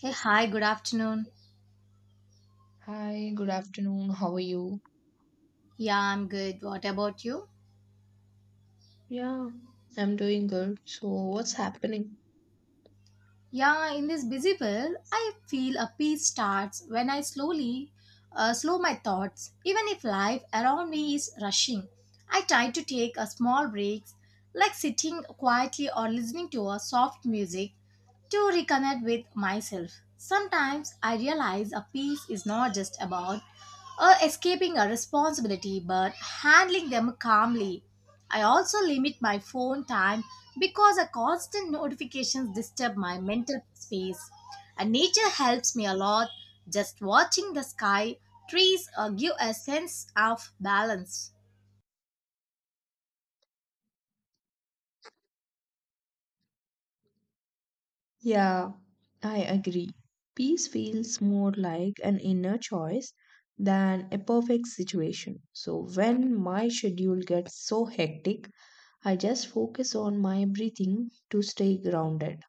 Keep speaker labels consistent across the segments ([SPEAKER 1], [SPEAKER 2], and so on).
[SPEAKER 1] Hey, hi, good afternoon.
[SPEAKER 2] Hi, good afternoon. How are you?
[SPEAKER 1] Yeah, I'm good. What about you?
[SPEAKER 2] Yeah, I'm doing good. So, what's happening?
[SPEAKER 1] Yeah, in this busy world, I feel a peace starts when I slowly slow my thoughts. Even if life around me is rushing, I try to take a small breaks, like sitting quietly or listening to a soft music to reconnect with myself. Sometimes I realize a peace is not just about or escaping a responsibility but handling them calmly. I also limit my phone time because a constant notifications disturb my mental space. And nature helps me a lot. Just watching the sky, trees give a sense of balance.
[SPEAKER 2] Yeah, I agree. Peace feels more like an inner choice than a perfect situation. So when my schedule gets so hectic, I just focus on my breathing to stay grounded.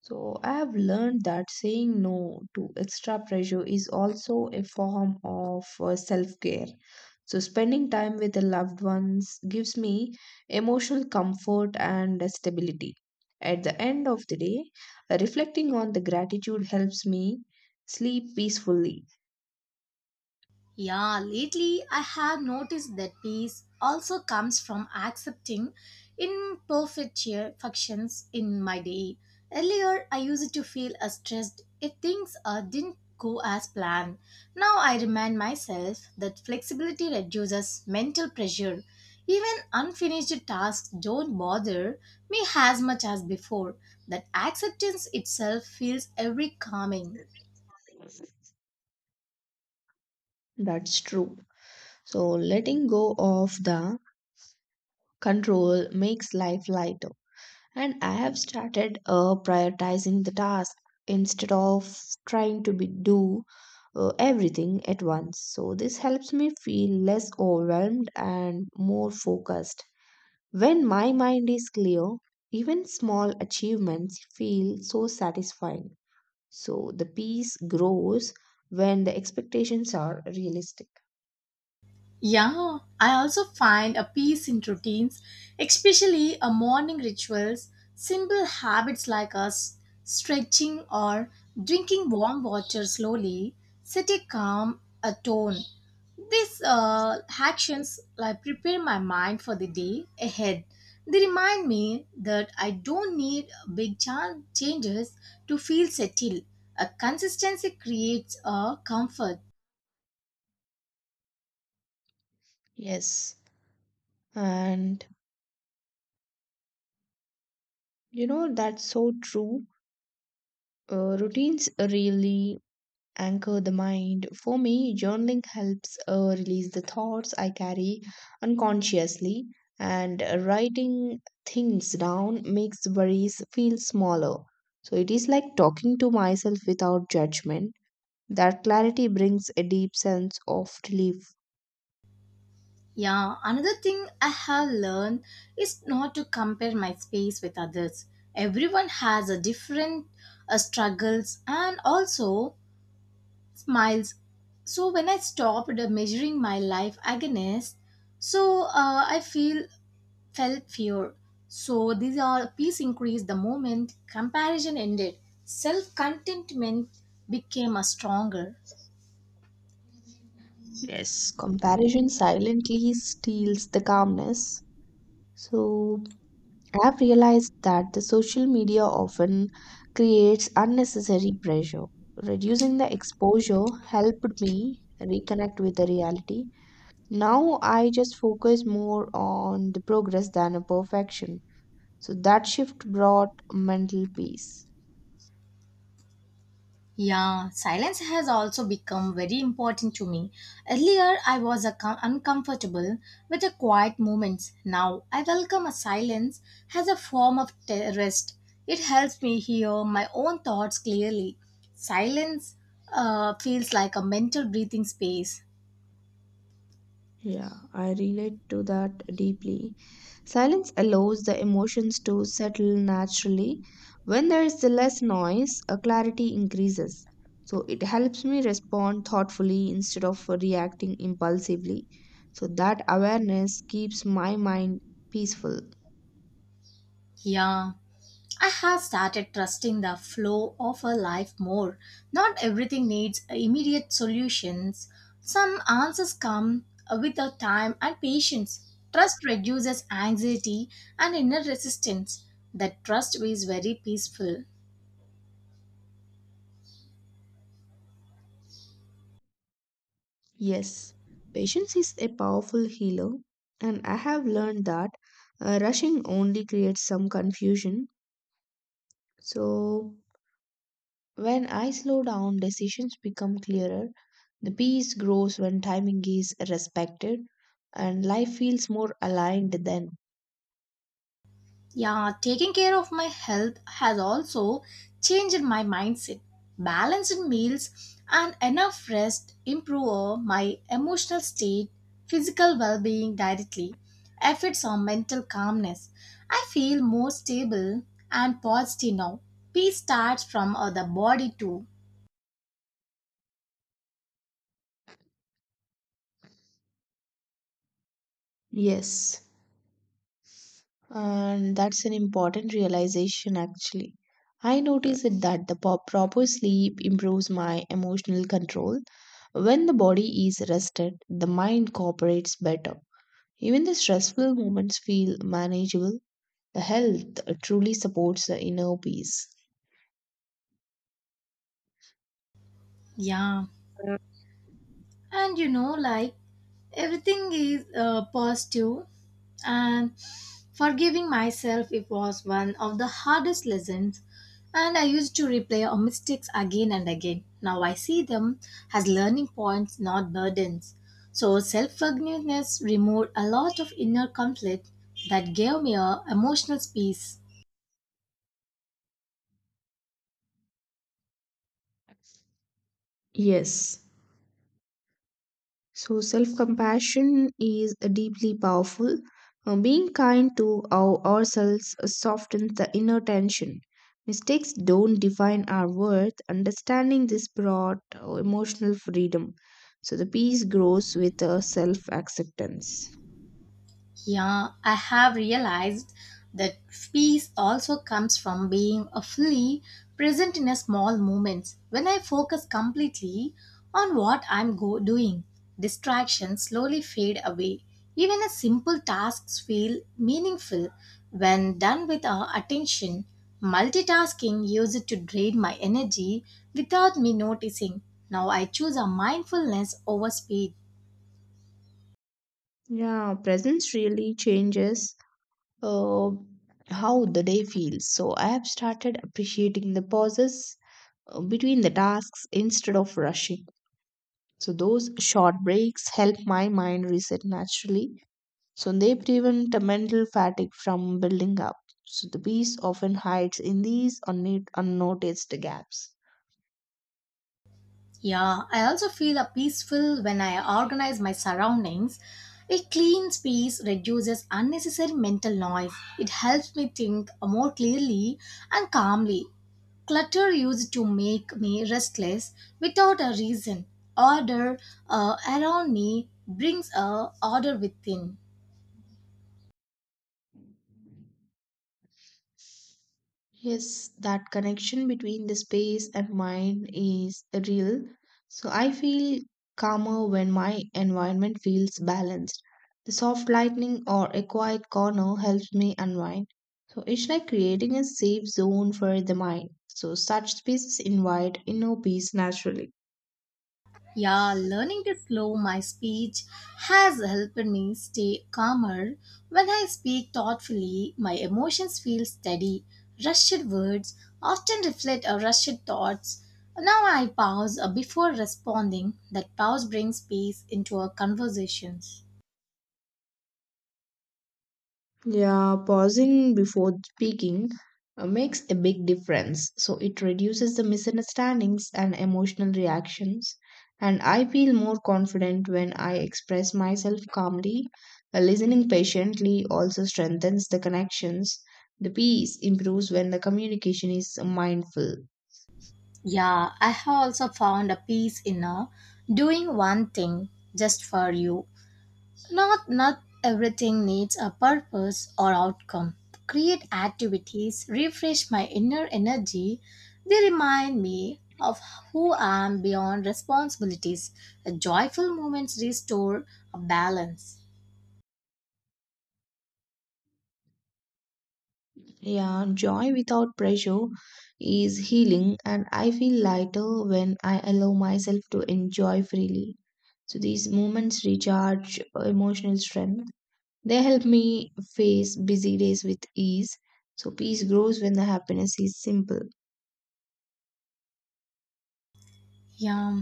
[SPEAKER 2] So I have learned that saying no to extra pressure is also a form of self-care. So spending time with the loved ones gives me emotional comfort and stability. At the end of the day, reflecting on the gratitude helps me sleep peacefully.
[SPEAKER 1] Yeah, lately I have noticed that peace also comes from accepting imperfections in my day. Earlier, I used to feel stressed if things didn't go as planned. Now I remind myself that flexibility reduces mental pressure. Even unfinished tasks don't bother me as much as before. That acceptance itself feels every calming.
[SPEAKER 2] That's true. So letting go of the control makes life lighter. And I have started prioritizing the task instead of trying to be, do everything at once. So this helps me feel less overwhelmed and more focused. When my mind is clear, even small achievements feel so satisfying. So the peace grows when the expectations are realistic.
[SPEAKER 1] Yeah, I also find a peace in routines, especially a morning rituals. Simple habits like us stretching or drinking warm water slowly set a calm a tone. These actions like prepare my mind for the day ahead. They remind me that I don't need changes to feel settled. A consistency creates a comfort.
[SPEAKER 2] Yes, and you know that's so true. Routines really anchor the mind. For me, journaling helps release the thoughts I carry unconsciously, and writing things down makes worries feel smaller. So it is like talking to myself without judgment. That clarity brings a deep sense of relief.
[SPEAKER 1] Yeah, another thing I have learned is not to compare my space with others. Everyone has a different struggles and also smiles. So when I stopped measuring my life against, I feel felt fear. So these are peace increased the moment comparison ended. Self contentment became a stronger.
[SPEAKER 2] Yes. Comparison silently steals the calmness. So I have realized that the social media often creates unnecessary pressure. Reducing the exposure helped me reconnect with the reality. Now I just focus more on the progress than a perfection. So that shift brought mental peace.
[SPEAKER 1] Yeah, silence has also become very important to me. Earlier, I was uncomfortable with the quiet moments. Now, I welcome a silence as a form of rest. It helps me hear my own thoughts clearly. Silence feels like a mental breathing space.
[SPEAKER 2] Yeah, I relate to that deeply. Silence allows the emotions to settle naturally. When there is the less noise, a clarity increases. So it helps me respond thoughtfully instead of reacting impulsively. So that awareness keeps my mind peaceful.
[SPEAKER 1] Yeah. I have started trusting the flow of a life more. Not everything needs immediate solutions. Some answers come with the time and patience. Trust reduces anxiety and inner resistance. That trust is very peaceful.
[SPEAKER 2] Yes, patience is a powerful healer, and I have learned that rushing only creates some confusion. So when I slow down, decisions become clearer. The peace grows when timing is respected, and life feels more aligned then.
[SPEAKER 1] Yeah, taking care of my health has also changed my mindset. Balanced meals and enough rest improve my emotional state, physical well being directly, effects on mental calmness. I feel more stable and positive now. Peace starts from the body too.
[SPEAKER 2] Yes. And that's an important realization, actually. I noticed that the proper sleep improves my emotional control. When the body is rested, the mind cooperates better. Even the stressful moments feel manageable. The health truly supports the inner peace.
[SPEAKER 1] Yeah. And you know, like everything is positive and forgiving myself it was one of the hardest lessons and I used to replay our mistakes again and again. Now I see them as learning points, not burdens. So self-forgiveness removed a lot of inner conflict that gave me a emotional peace.
[SPEAKER 2] Yes. So, self compassion is deeply powerful. Being kind to ourselves softens the inner tension. Mistakes don't define our worth. Understanding this brought emotional freedom. So, the peace grows with self acceptance.
[SPEAKER 1] Yeah, I have realized that peace also comes from being a fully present in a small moments. When I focus completely on what doing, distractions slowly fade away. Even a simple tasks feel meaningful when done with our attention. Multitasking used to drain my energy without me noticing. Now I choose a mindfulness over speed.
[SPEAKER 2] Yeah, presence really changes uh, how the day feels. So, I have started appreciating the pauses between the tasks instead of rushing. So those short breaks help my mind reset naturally. So they prevent the mental fatigue from building up. So the peace often hides in these unnoticed gaps.
[SPEAKER 1] Yeah, I also feel a peaceful when I organize my surroundings. A clean space reduces unnecessary mental noise. It helps me think more clearly and calmly. Clutter used to make me restless without a reason. Order around me brings a order within.
[SPEAKER 2] Yes, that connection between the space and mind is real. So I feel calmer when my environment feels balanced. The soft lighting or a quiet corner helps me unwind. So it's like creating a safe zone for the mind. So such spaces invite inner peace naturally.
[SPEAKER 1] Yeah, learning to slow my speech has helped me stay calmer. When I speak thoughtfully, my emotions feel steady. Rushed words often reflect our rushed thoughts. Now I pause before responding. That pause brings peace into our conversations.
[SPEAKER 2] Yeah, pausing before speaking makes a big difference. So it reduces the misunderstandings and emotional reactions. And I feel more confident when I express myself calmly. Listening patiently also strengthens the connections. The peace improves when the communication is mindful.
[SPEAKER 1] Yeah, I have also found a peace in doing one thing just for you. Not everything needs a purpose or outcome. Create activities refresh my inner energy. They remind me of who I am beyond responsibilities. A joyful moments restore a balance.
[SPEAKER 2] Yeah, joy without pressure is healing, and I feel lighter when I allow myself to enjoy freely. So these moments recharge emotional strength. They help me face busy days with ease. So peace grows when the happiness is simple.
[SPEAKER 1] Yeah.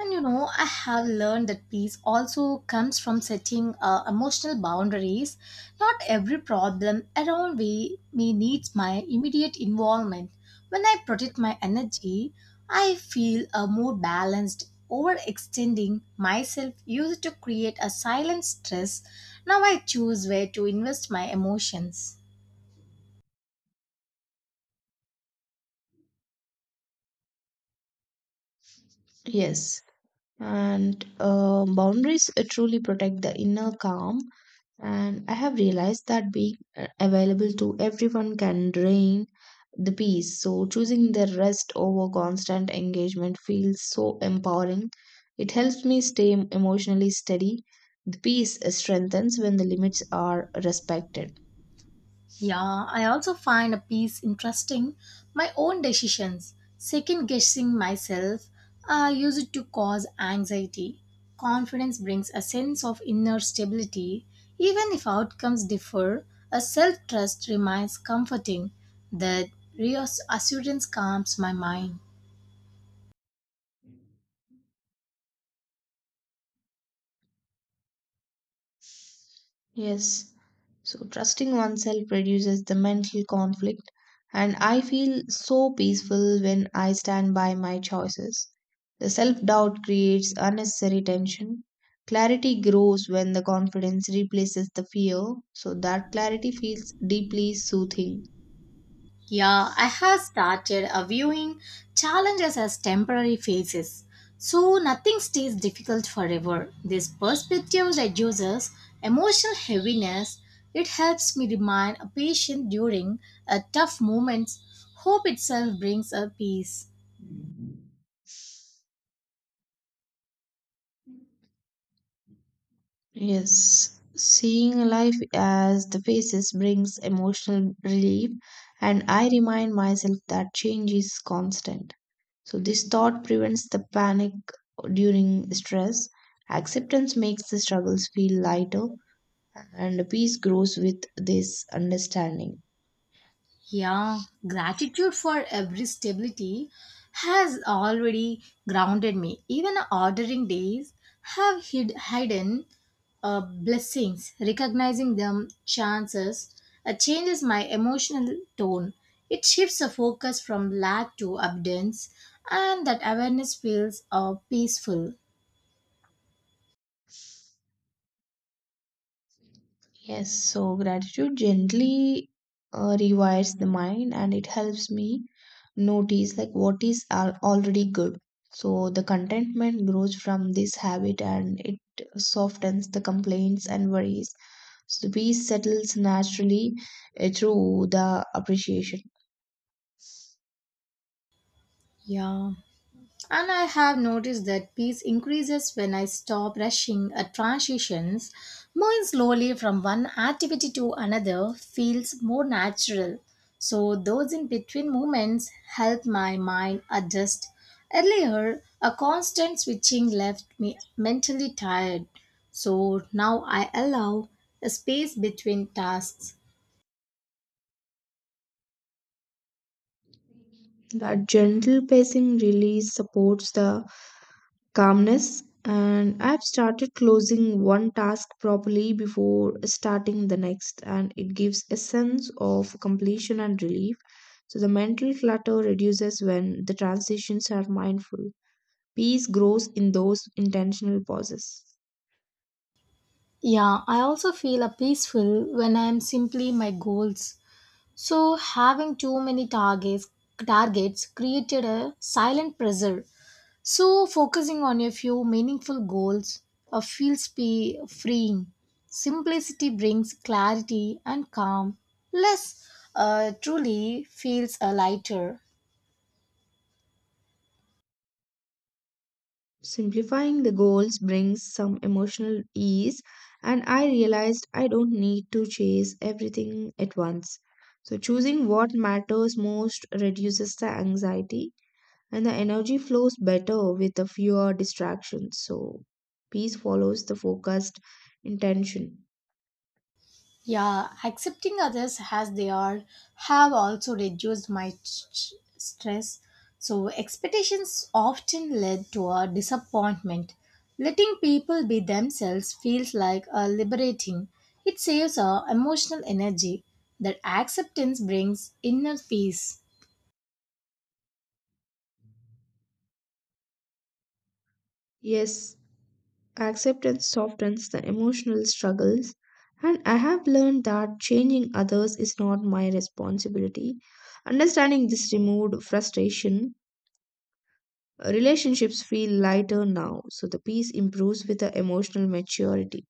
[SPEAKER 1] And you know, I have learned that peace also comes from setting emotional boundaries. Not every problem around me needs my immediate involvement. When I protect my energy, I feel more balanced. Overextending myself used to create a silent stress. Now I choose where to invest my emotions.
[SPEAKER 2] Yes, and boundaries truly protect the inner calm. And I have realized that being available to everyone can drain the peace. So choosing the rest over constant engagement feels so empowering. It helps me stay emotionally steady. The peace strengthens when the limits are respected.
[SPEAKER 1] Yeah, I also find a piece interesting. My own decisions, second guessing myself, I use it to cause anxiety. Confidence brings a sense of inner stability. Even if outcomes differ, a self trust remains comforting. That reassurance calms my mind.
[SPEAKER 2] Yes. So trusting oneself reduces the mental conflict, and I feel so peaceful when I stand by my choices. The self doubt creates unnecessary tension. Clarity grows when the confidence replaces the fear, so that clarity feels deeply soothing.
[SPEAKER 1] Yeah, I have started viewing challenges as temporary phases. So nothing stays difficult forever. This perspective reduces emotional heaviness. It helps me remain patient during tough moments. Hope itself brings a peace.
[SPEAKER 2] Yes, seeing life as the faces brings emotional relief, and I remind myself that change is constant. So, this thought prevents the panic during stress. Acceptance makes the struggles feel lighter, and peace grows with this understanding.
[SPEAKER 1] Yeah, gratitude for every stability has already grounded me. Even ordering days have hidden blessings. Recognizing them chances changes my emotional tone. It shifts the focus from lack to abundance, and that awareness feels peaceful.
[SPEAKER 2] Yes, so gratitude gently rewires the mind, and it helps me notice like what is already good. So, the contentment grows from this habit, and it softens the complaints and worries. So, the peace settles naturally through the appreciation.
[SPEAKER 1] Yeah. And I have noticed that peace increases when I stop rushing at transitions. Moving slowly from one activity to another feels more natural. So, those in between moments help my mind adjust. Earlier, a constant switching left me mentally tired. So, now I allow a space between tasks.
[SPEAKER 2] That gentle pacing really supports the calmness, and I've started closing one task properly before starting the next, and it gives a sense of completion and relief. So the mental clutter reduces when the transitions are mindful. Peace grows in those intentional pauses.
[SPEAKER 1] Yeah, I also feel a peaceful when I am simply my goals. So having too many targets created a silent pressure. So focusing on a few meaningful goals feels be freeing. Simplicity brings clarity and calm. Less truly feels lighter.
[SPEAKER 2] Simplifying the goals brings some emotional ease, and I realized I don't need to chase everything at once. So, choosing what matters most reduces the anxiety, and the energy flows better with the fewer distractions. So, peace follows the focused intention.
[SPEAKER 1] Yeah, accepting others as they are have also reduced my stress. So, expectations often lead to a disappointment. Letting people be themselves feels like a liberating. It saves our emotional energy that acceptance brings inner peace.
[SPEAKER 2] Yes, acceptance softens the emotional struggles, and I have learned that changing others is not my responsibility. Understanding this removed frustration, relationships feel lighter now, so the peace improves with the emotional maturity.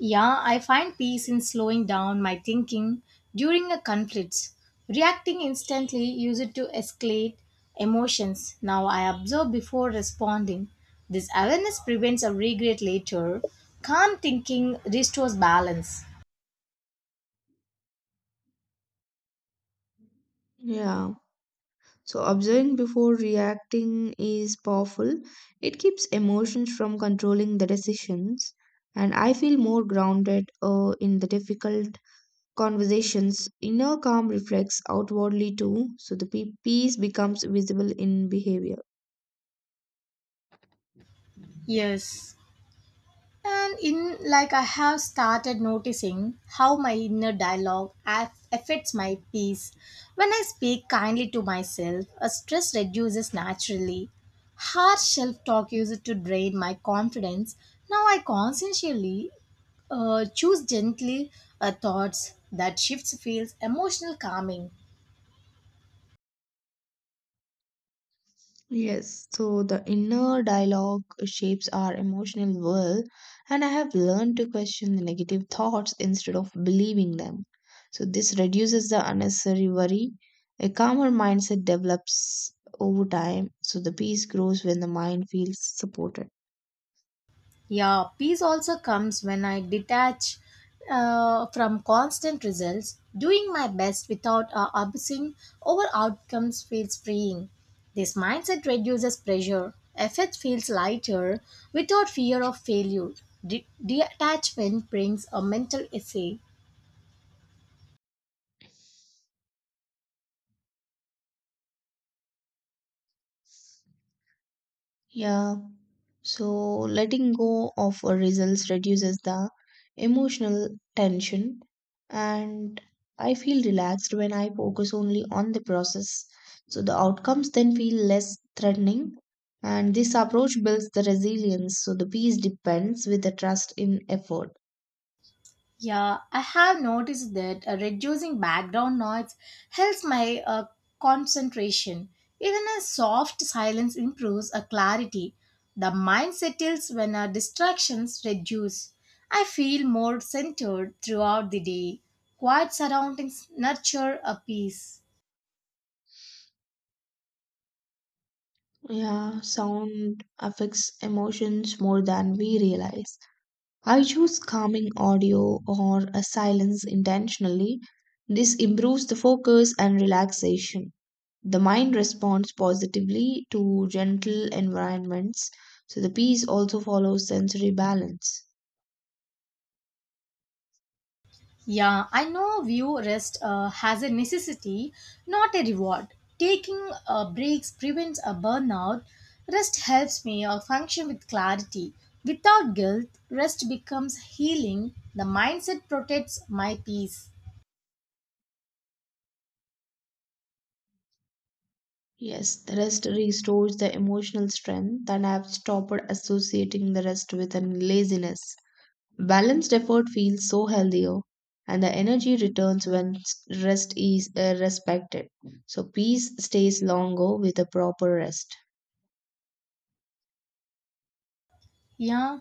[SPEAKER 1] Yeah, I find peace in slowing down my thinking during a conflict. Reacting instantly used to escalate emotions. Now I observe before responding. This awareness prevents a regret later. Calm thinking restores balance.
[SPEAKER 2] Yeah. So observing before reacting is powerful. It keeps emotions from controlling the decisions. And I feel more grounded in the difficult conversations. Inner calm reflects outwardly too. So the peace becomes visible in behavior.
[SPEAKER 1] Yes, and in like I have started noticing how my inner dialogue affects my peace when I speak kindly to myself a stress reduces naturally. Harsh self-talk used to drain my confidence. Now I consciously choose gently thoughts that shifts feels emotional calming.
[SPEAKER 2] Yes, so the inner dialogue shapes our emotional world, and I have learned to question the negative thoughts instead of believing them. So, this reduces the unnecessary worry. A calmer mindset develops over time, so the peace grows when the mind feels supported.
[SPEAKER 1] Yeah, peace also comes when I detach from constant results. Doing my best without obsessing over outcomes feels freeing. This mindset reduces pressure. Effort feels lighter without fear of failure. Detachment brings a mental essay.
[SPEAKER 2] Yeah. So letting go of our results reduces the emotional tension, and I feel relaxed when I focus only on the process. So the outcomes then feel less threatening, and this approach builds the resilience. So the peace depends with the trust in effort.
[SPEAKER 1] Yeah, I have noticed that reducing background noise helps my concentration. Even a soft silence improves a clarity. The mind settles when our distractions reduce. I feel more centered throughout the day. Quiet surroundings nurture a peace.
[SPEAKER 2] Yeah, sound affects emotions more than we realize. I choose calming audio or a silence intentionally. This improves the focus and relaxation. The mind responds positively to gentle environments, so the peace also follows sensory balance.
[SPEAKER 1] Yeah, I know view rest has a necessity, not a reward. Taking breaks prevents a burnout. Rest helps me function with clarity. Without guilt, rest becomes healing. The mindset protects my peace.
[SPEAKER 2] Yes, the rest restores the emotional strength that I have stopped associating the rest with an laziness. Balanced effort feels so healthier, and the energy returns when rest is respected. So, peace stays longer with a proper rest.
[SPEAKER 1] Yeah,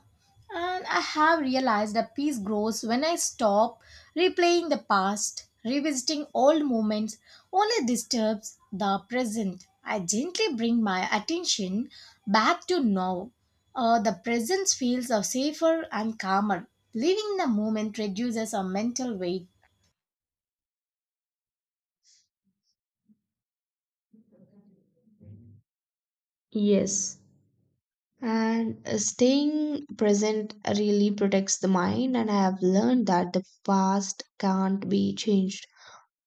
[SPEAKER 1] and I have realized that peace grows when I stop replaying the past, revisiting old moments only disturbs the present. I gently bring my attention back to now. The presence feels safer and calmer. Living in the moment reduces our mental weight.
[SPEAKER 2] Yes. And staying present really protects the mind, and I have learned that the past can't be changed,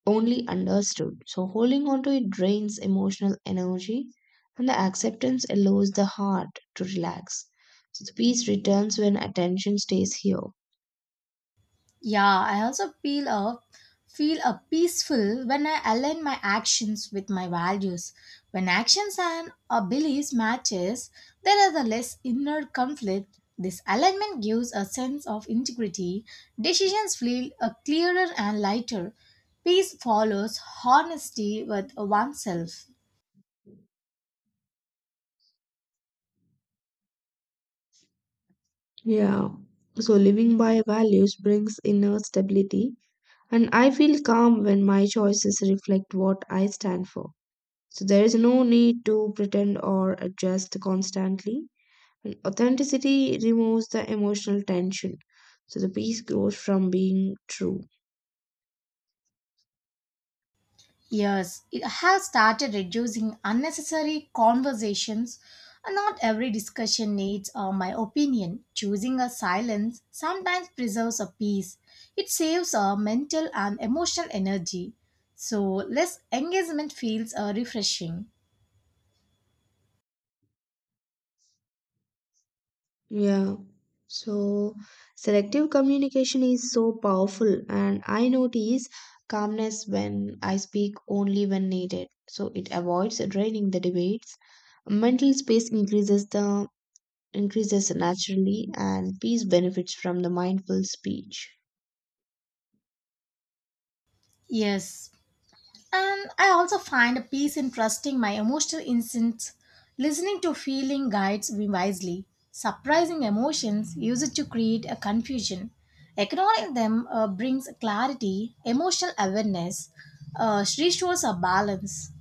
[SPEAKER 2] only understood. So, holding on to it drains emotional energy, and the acceptance allows the heart to relax. So, the peace returns when attention stays here.
[SPEAKER 1] Yeah, I also feel a peaceful when I align my actions with my values. When actions and our beliefs matches, there is a less inner conflict. This alignment gives a sense of integrity. Decisions feel a clearer and lighter. Peace follows honesty with oneself.
[SPEAKER 2] Yeah. So living by values brings inner stability, and I feel calm when my choices reflect what I stand for. So there is no need to pretend or adjust constantly. And authenticity removes the emotional tension. So the peace grows from being true.
[SPEAKER 1] Yes, it has started reducing unnecessary conversations. Not every discussion needs my opinion. Choosing a silence sometimes preserves a peace. It saves our mental and emotional energy. So less engagement feels refreshing.
[SPEAKER 2] Yeah. So selective communication is so powerful, and I notice calmness when I speak only when needed. So it avoids draining the debates. Mental space increases naturally, and peace benefits from the mindful speech.
[SPEAKER 1] Yes, and I also find a peace in trusting my emotional instincts, listening to feeling guides me wisely. Surprising emotions use it to create a confusion. Ignoring them brings clarity, emotional awareness, restores a balance.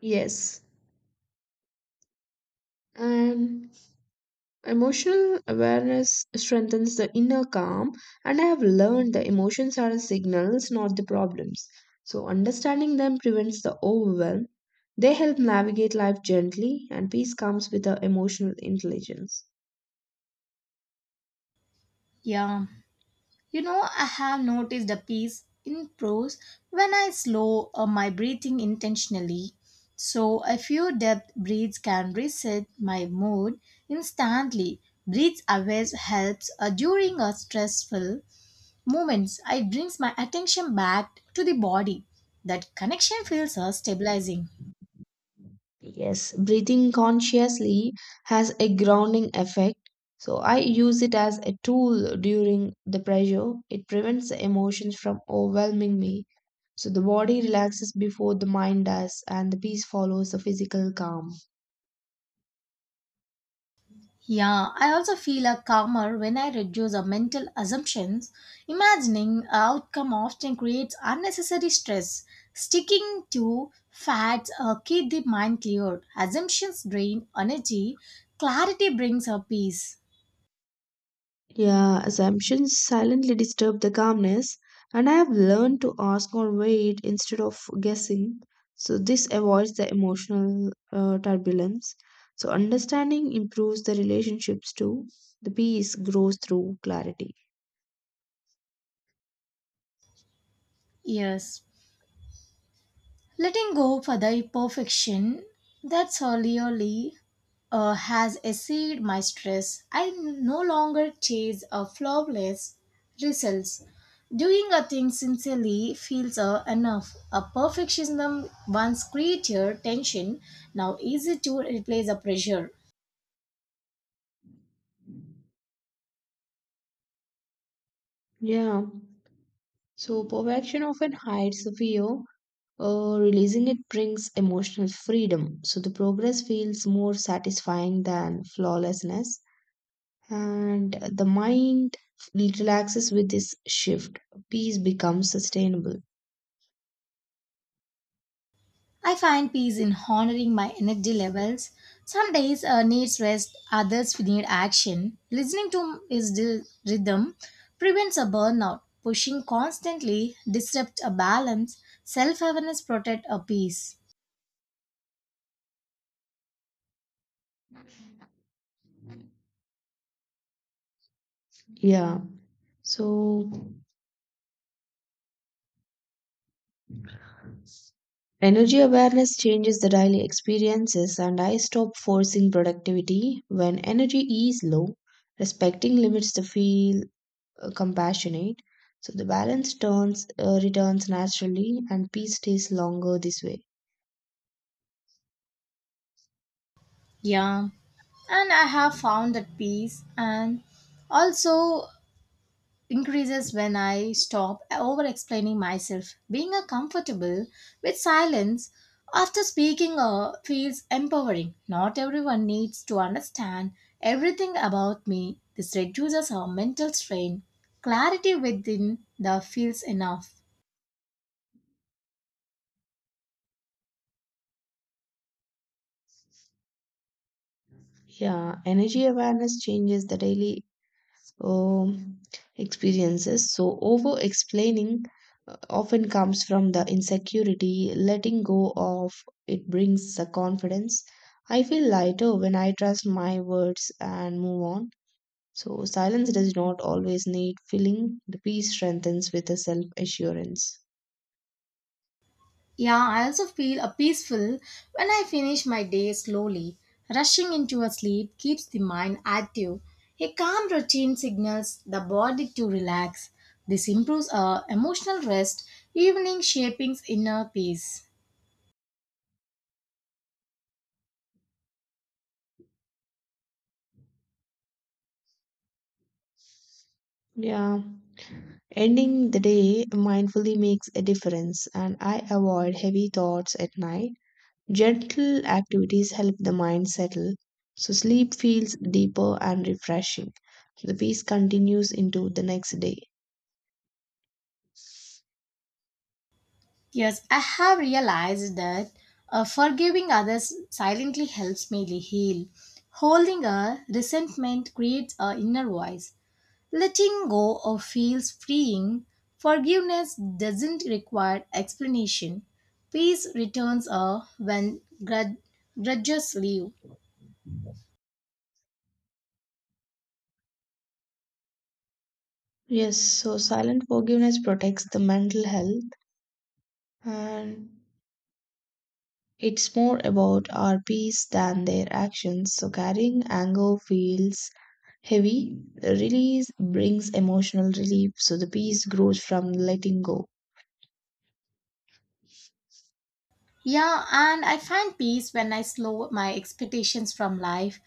[SPEAKER 2] Yes. And emotional awareness strengthens the inner calm, and I have learned the emotions are signals, not the problems. So, understanding them prevents the overwhelm. They help navigate life gently, and peace comes with the emotional intelligence.
[SPEAKER 1] Yeah. You know, I have noticed a peace in prose when I slow my breathing intentionally. So, a few depth breaths can reset my mood instantly. Breath awareness helps during a stressful moments. I brings my attention back to the body. That connection feels stabilizing.
[SPEAKER 2] Yes, breathing consciously has a grounding effect. So I use it as a tool during the pressure. It prevents the emotions from overwhelming me. So the body relaxes before the mind does, and the peace follows the physical calm.
[SPEAKER 1] Yeah, I also feel a calmer when I reduce our mental assumptions. Imagining a outcome often creates unnecessary stress. Sticking to facts keep the mind clear. Assumptions drain energy. Clarity brings a peace.
[SPEAKER 2] Yeah, assumptions silently disturb the calmness, and I have learned to ask or wait instead of guessing. So, this avoids the emotional turbulence. So, understanding improves the relationships too. The peace grows through clarity.
[SPEAKER 1] Yes. Letting go for the imperfection that solely has exceeded my stress. I no longer chase a flawless results. Doing a thing sincerely feels enough. A perfectionism once created tension now easy to replace a pressure.
[SPEAKER 2] Yeah, so perfection often hides the fear. Releasing it brings emotional freedom, so the progress feels more satisfying than flawlessness, and the mind relaxes with this shift. Peace becomes sustainable.
[SPEAKER 1] I find peace in honoring my energy levels. Some days needs rest, others need action. Listening to his rhythm prevents a burnout. Pushing constantly disrupts a balance. Self-awareness protects a peace.
[SPEAKER 2] Yeah. So, energy awareness changes the daily experiences, and I stop forcing productivity when energy is low. Respecting limits the feel compassionate. So, the balance turns returns naturally, and peace stays longer this way.
[SPEAKER 1] Yeah, and I have found that peace and also increases when I stop over explaining myself. Being comfortable with silence after speaking feels empowering. Not everyone needs to understand everything about me. This reduces our mental strain. Clarity within the feels enough.
[SPEAKER 2] Yeah, energy awareness changes the daily um, experiences. So, over explaining often comes from the insecurity. Letting go of it brings the confidence. I feel lighter when I trust my words and move on. So, silence does not always need filling. The peace strengthens with a self assurance.
[SPEAKER 1] Yeah, I also feel a peaceful when I finish my day slowly. Rushing into a sleep keeps the mind active. A calm routine signals the body to relax. This improves our emotional rest, evening shaping inner peace.
[SPEAKER 2] Yeah. Ending the day mindfully makes a difference, and I avoid heavy thoughts at night. Gentle activities help the mind settle, so sleep feels deeper and refreshing. The peace continues into the next day.
[SPEAKER 1] Yes, I have realized that forgiving others silently helps me heal. Holding a resentment creates a inner voice. Letting go of feels freeing. Forgiveness doesn't require explanation. Peace returns when grudges leave.
[SPEAKER 2] Yes, so silent forgiveness protects the mental health, and it's more about our peace than their actions. So carrying anger feels heavy. Release brings emotional relief, so the peace grows from letting go.
[SPEAKER 1] Yeah, and I find peace when I slow my expectations from life.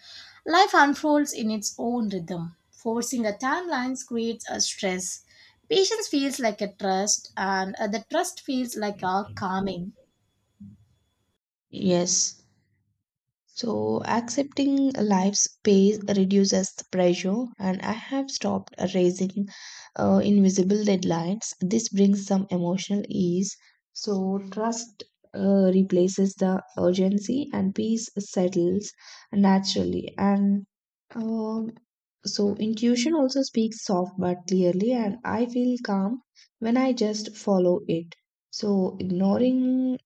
[SPEAKER 1] Life unfolds in its own rhythm. Forcing a timeline creates a stress. Patience feels like a trust, and the trust feels like a calming.
[SPEAKER 2] Yes. So accepting life's pace reduces the pressure, and I have stopped raising invisible deadlines. This brings some emotional ease. So trust replaces the urgency, and peace settles naturally. And um, so intuition also speaks soft but clearly, and I feel calm when I just follow it. So ignoring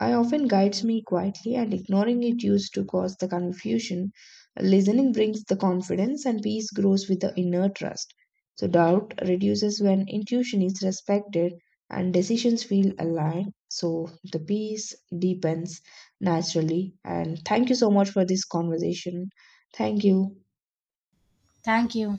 [SPEAKER 2] I often guides me quietly, and ignoring it used to cause the confusion. Listening brings the confidence, and peace grows with the inner trust. So, doubt reduces when intuition is respected and decisions feel aligned. So, the peace deepens naturally. And thank you so much for this conversation. Thank you.
[SPEAKER 1] Thank you.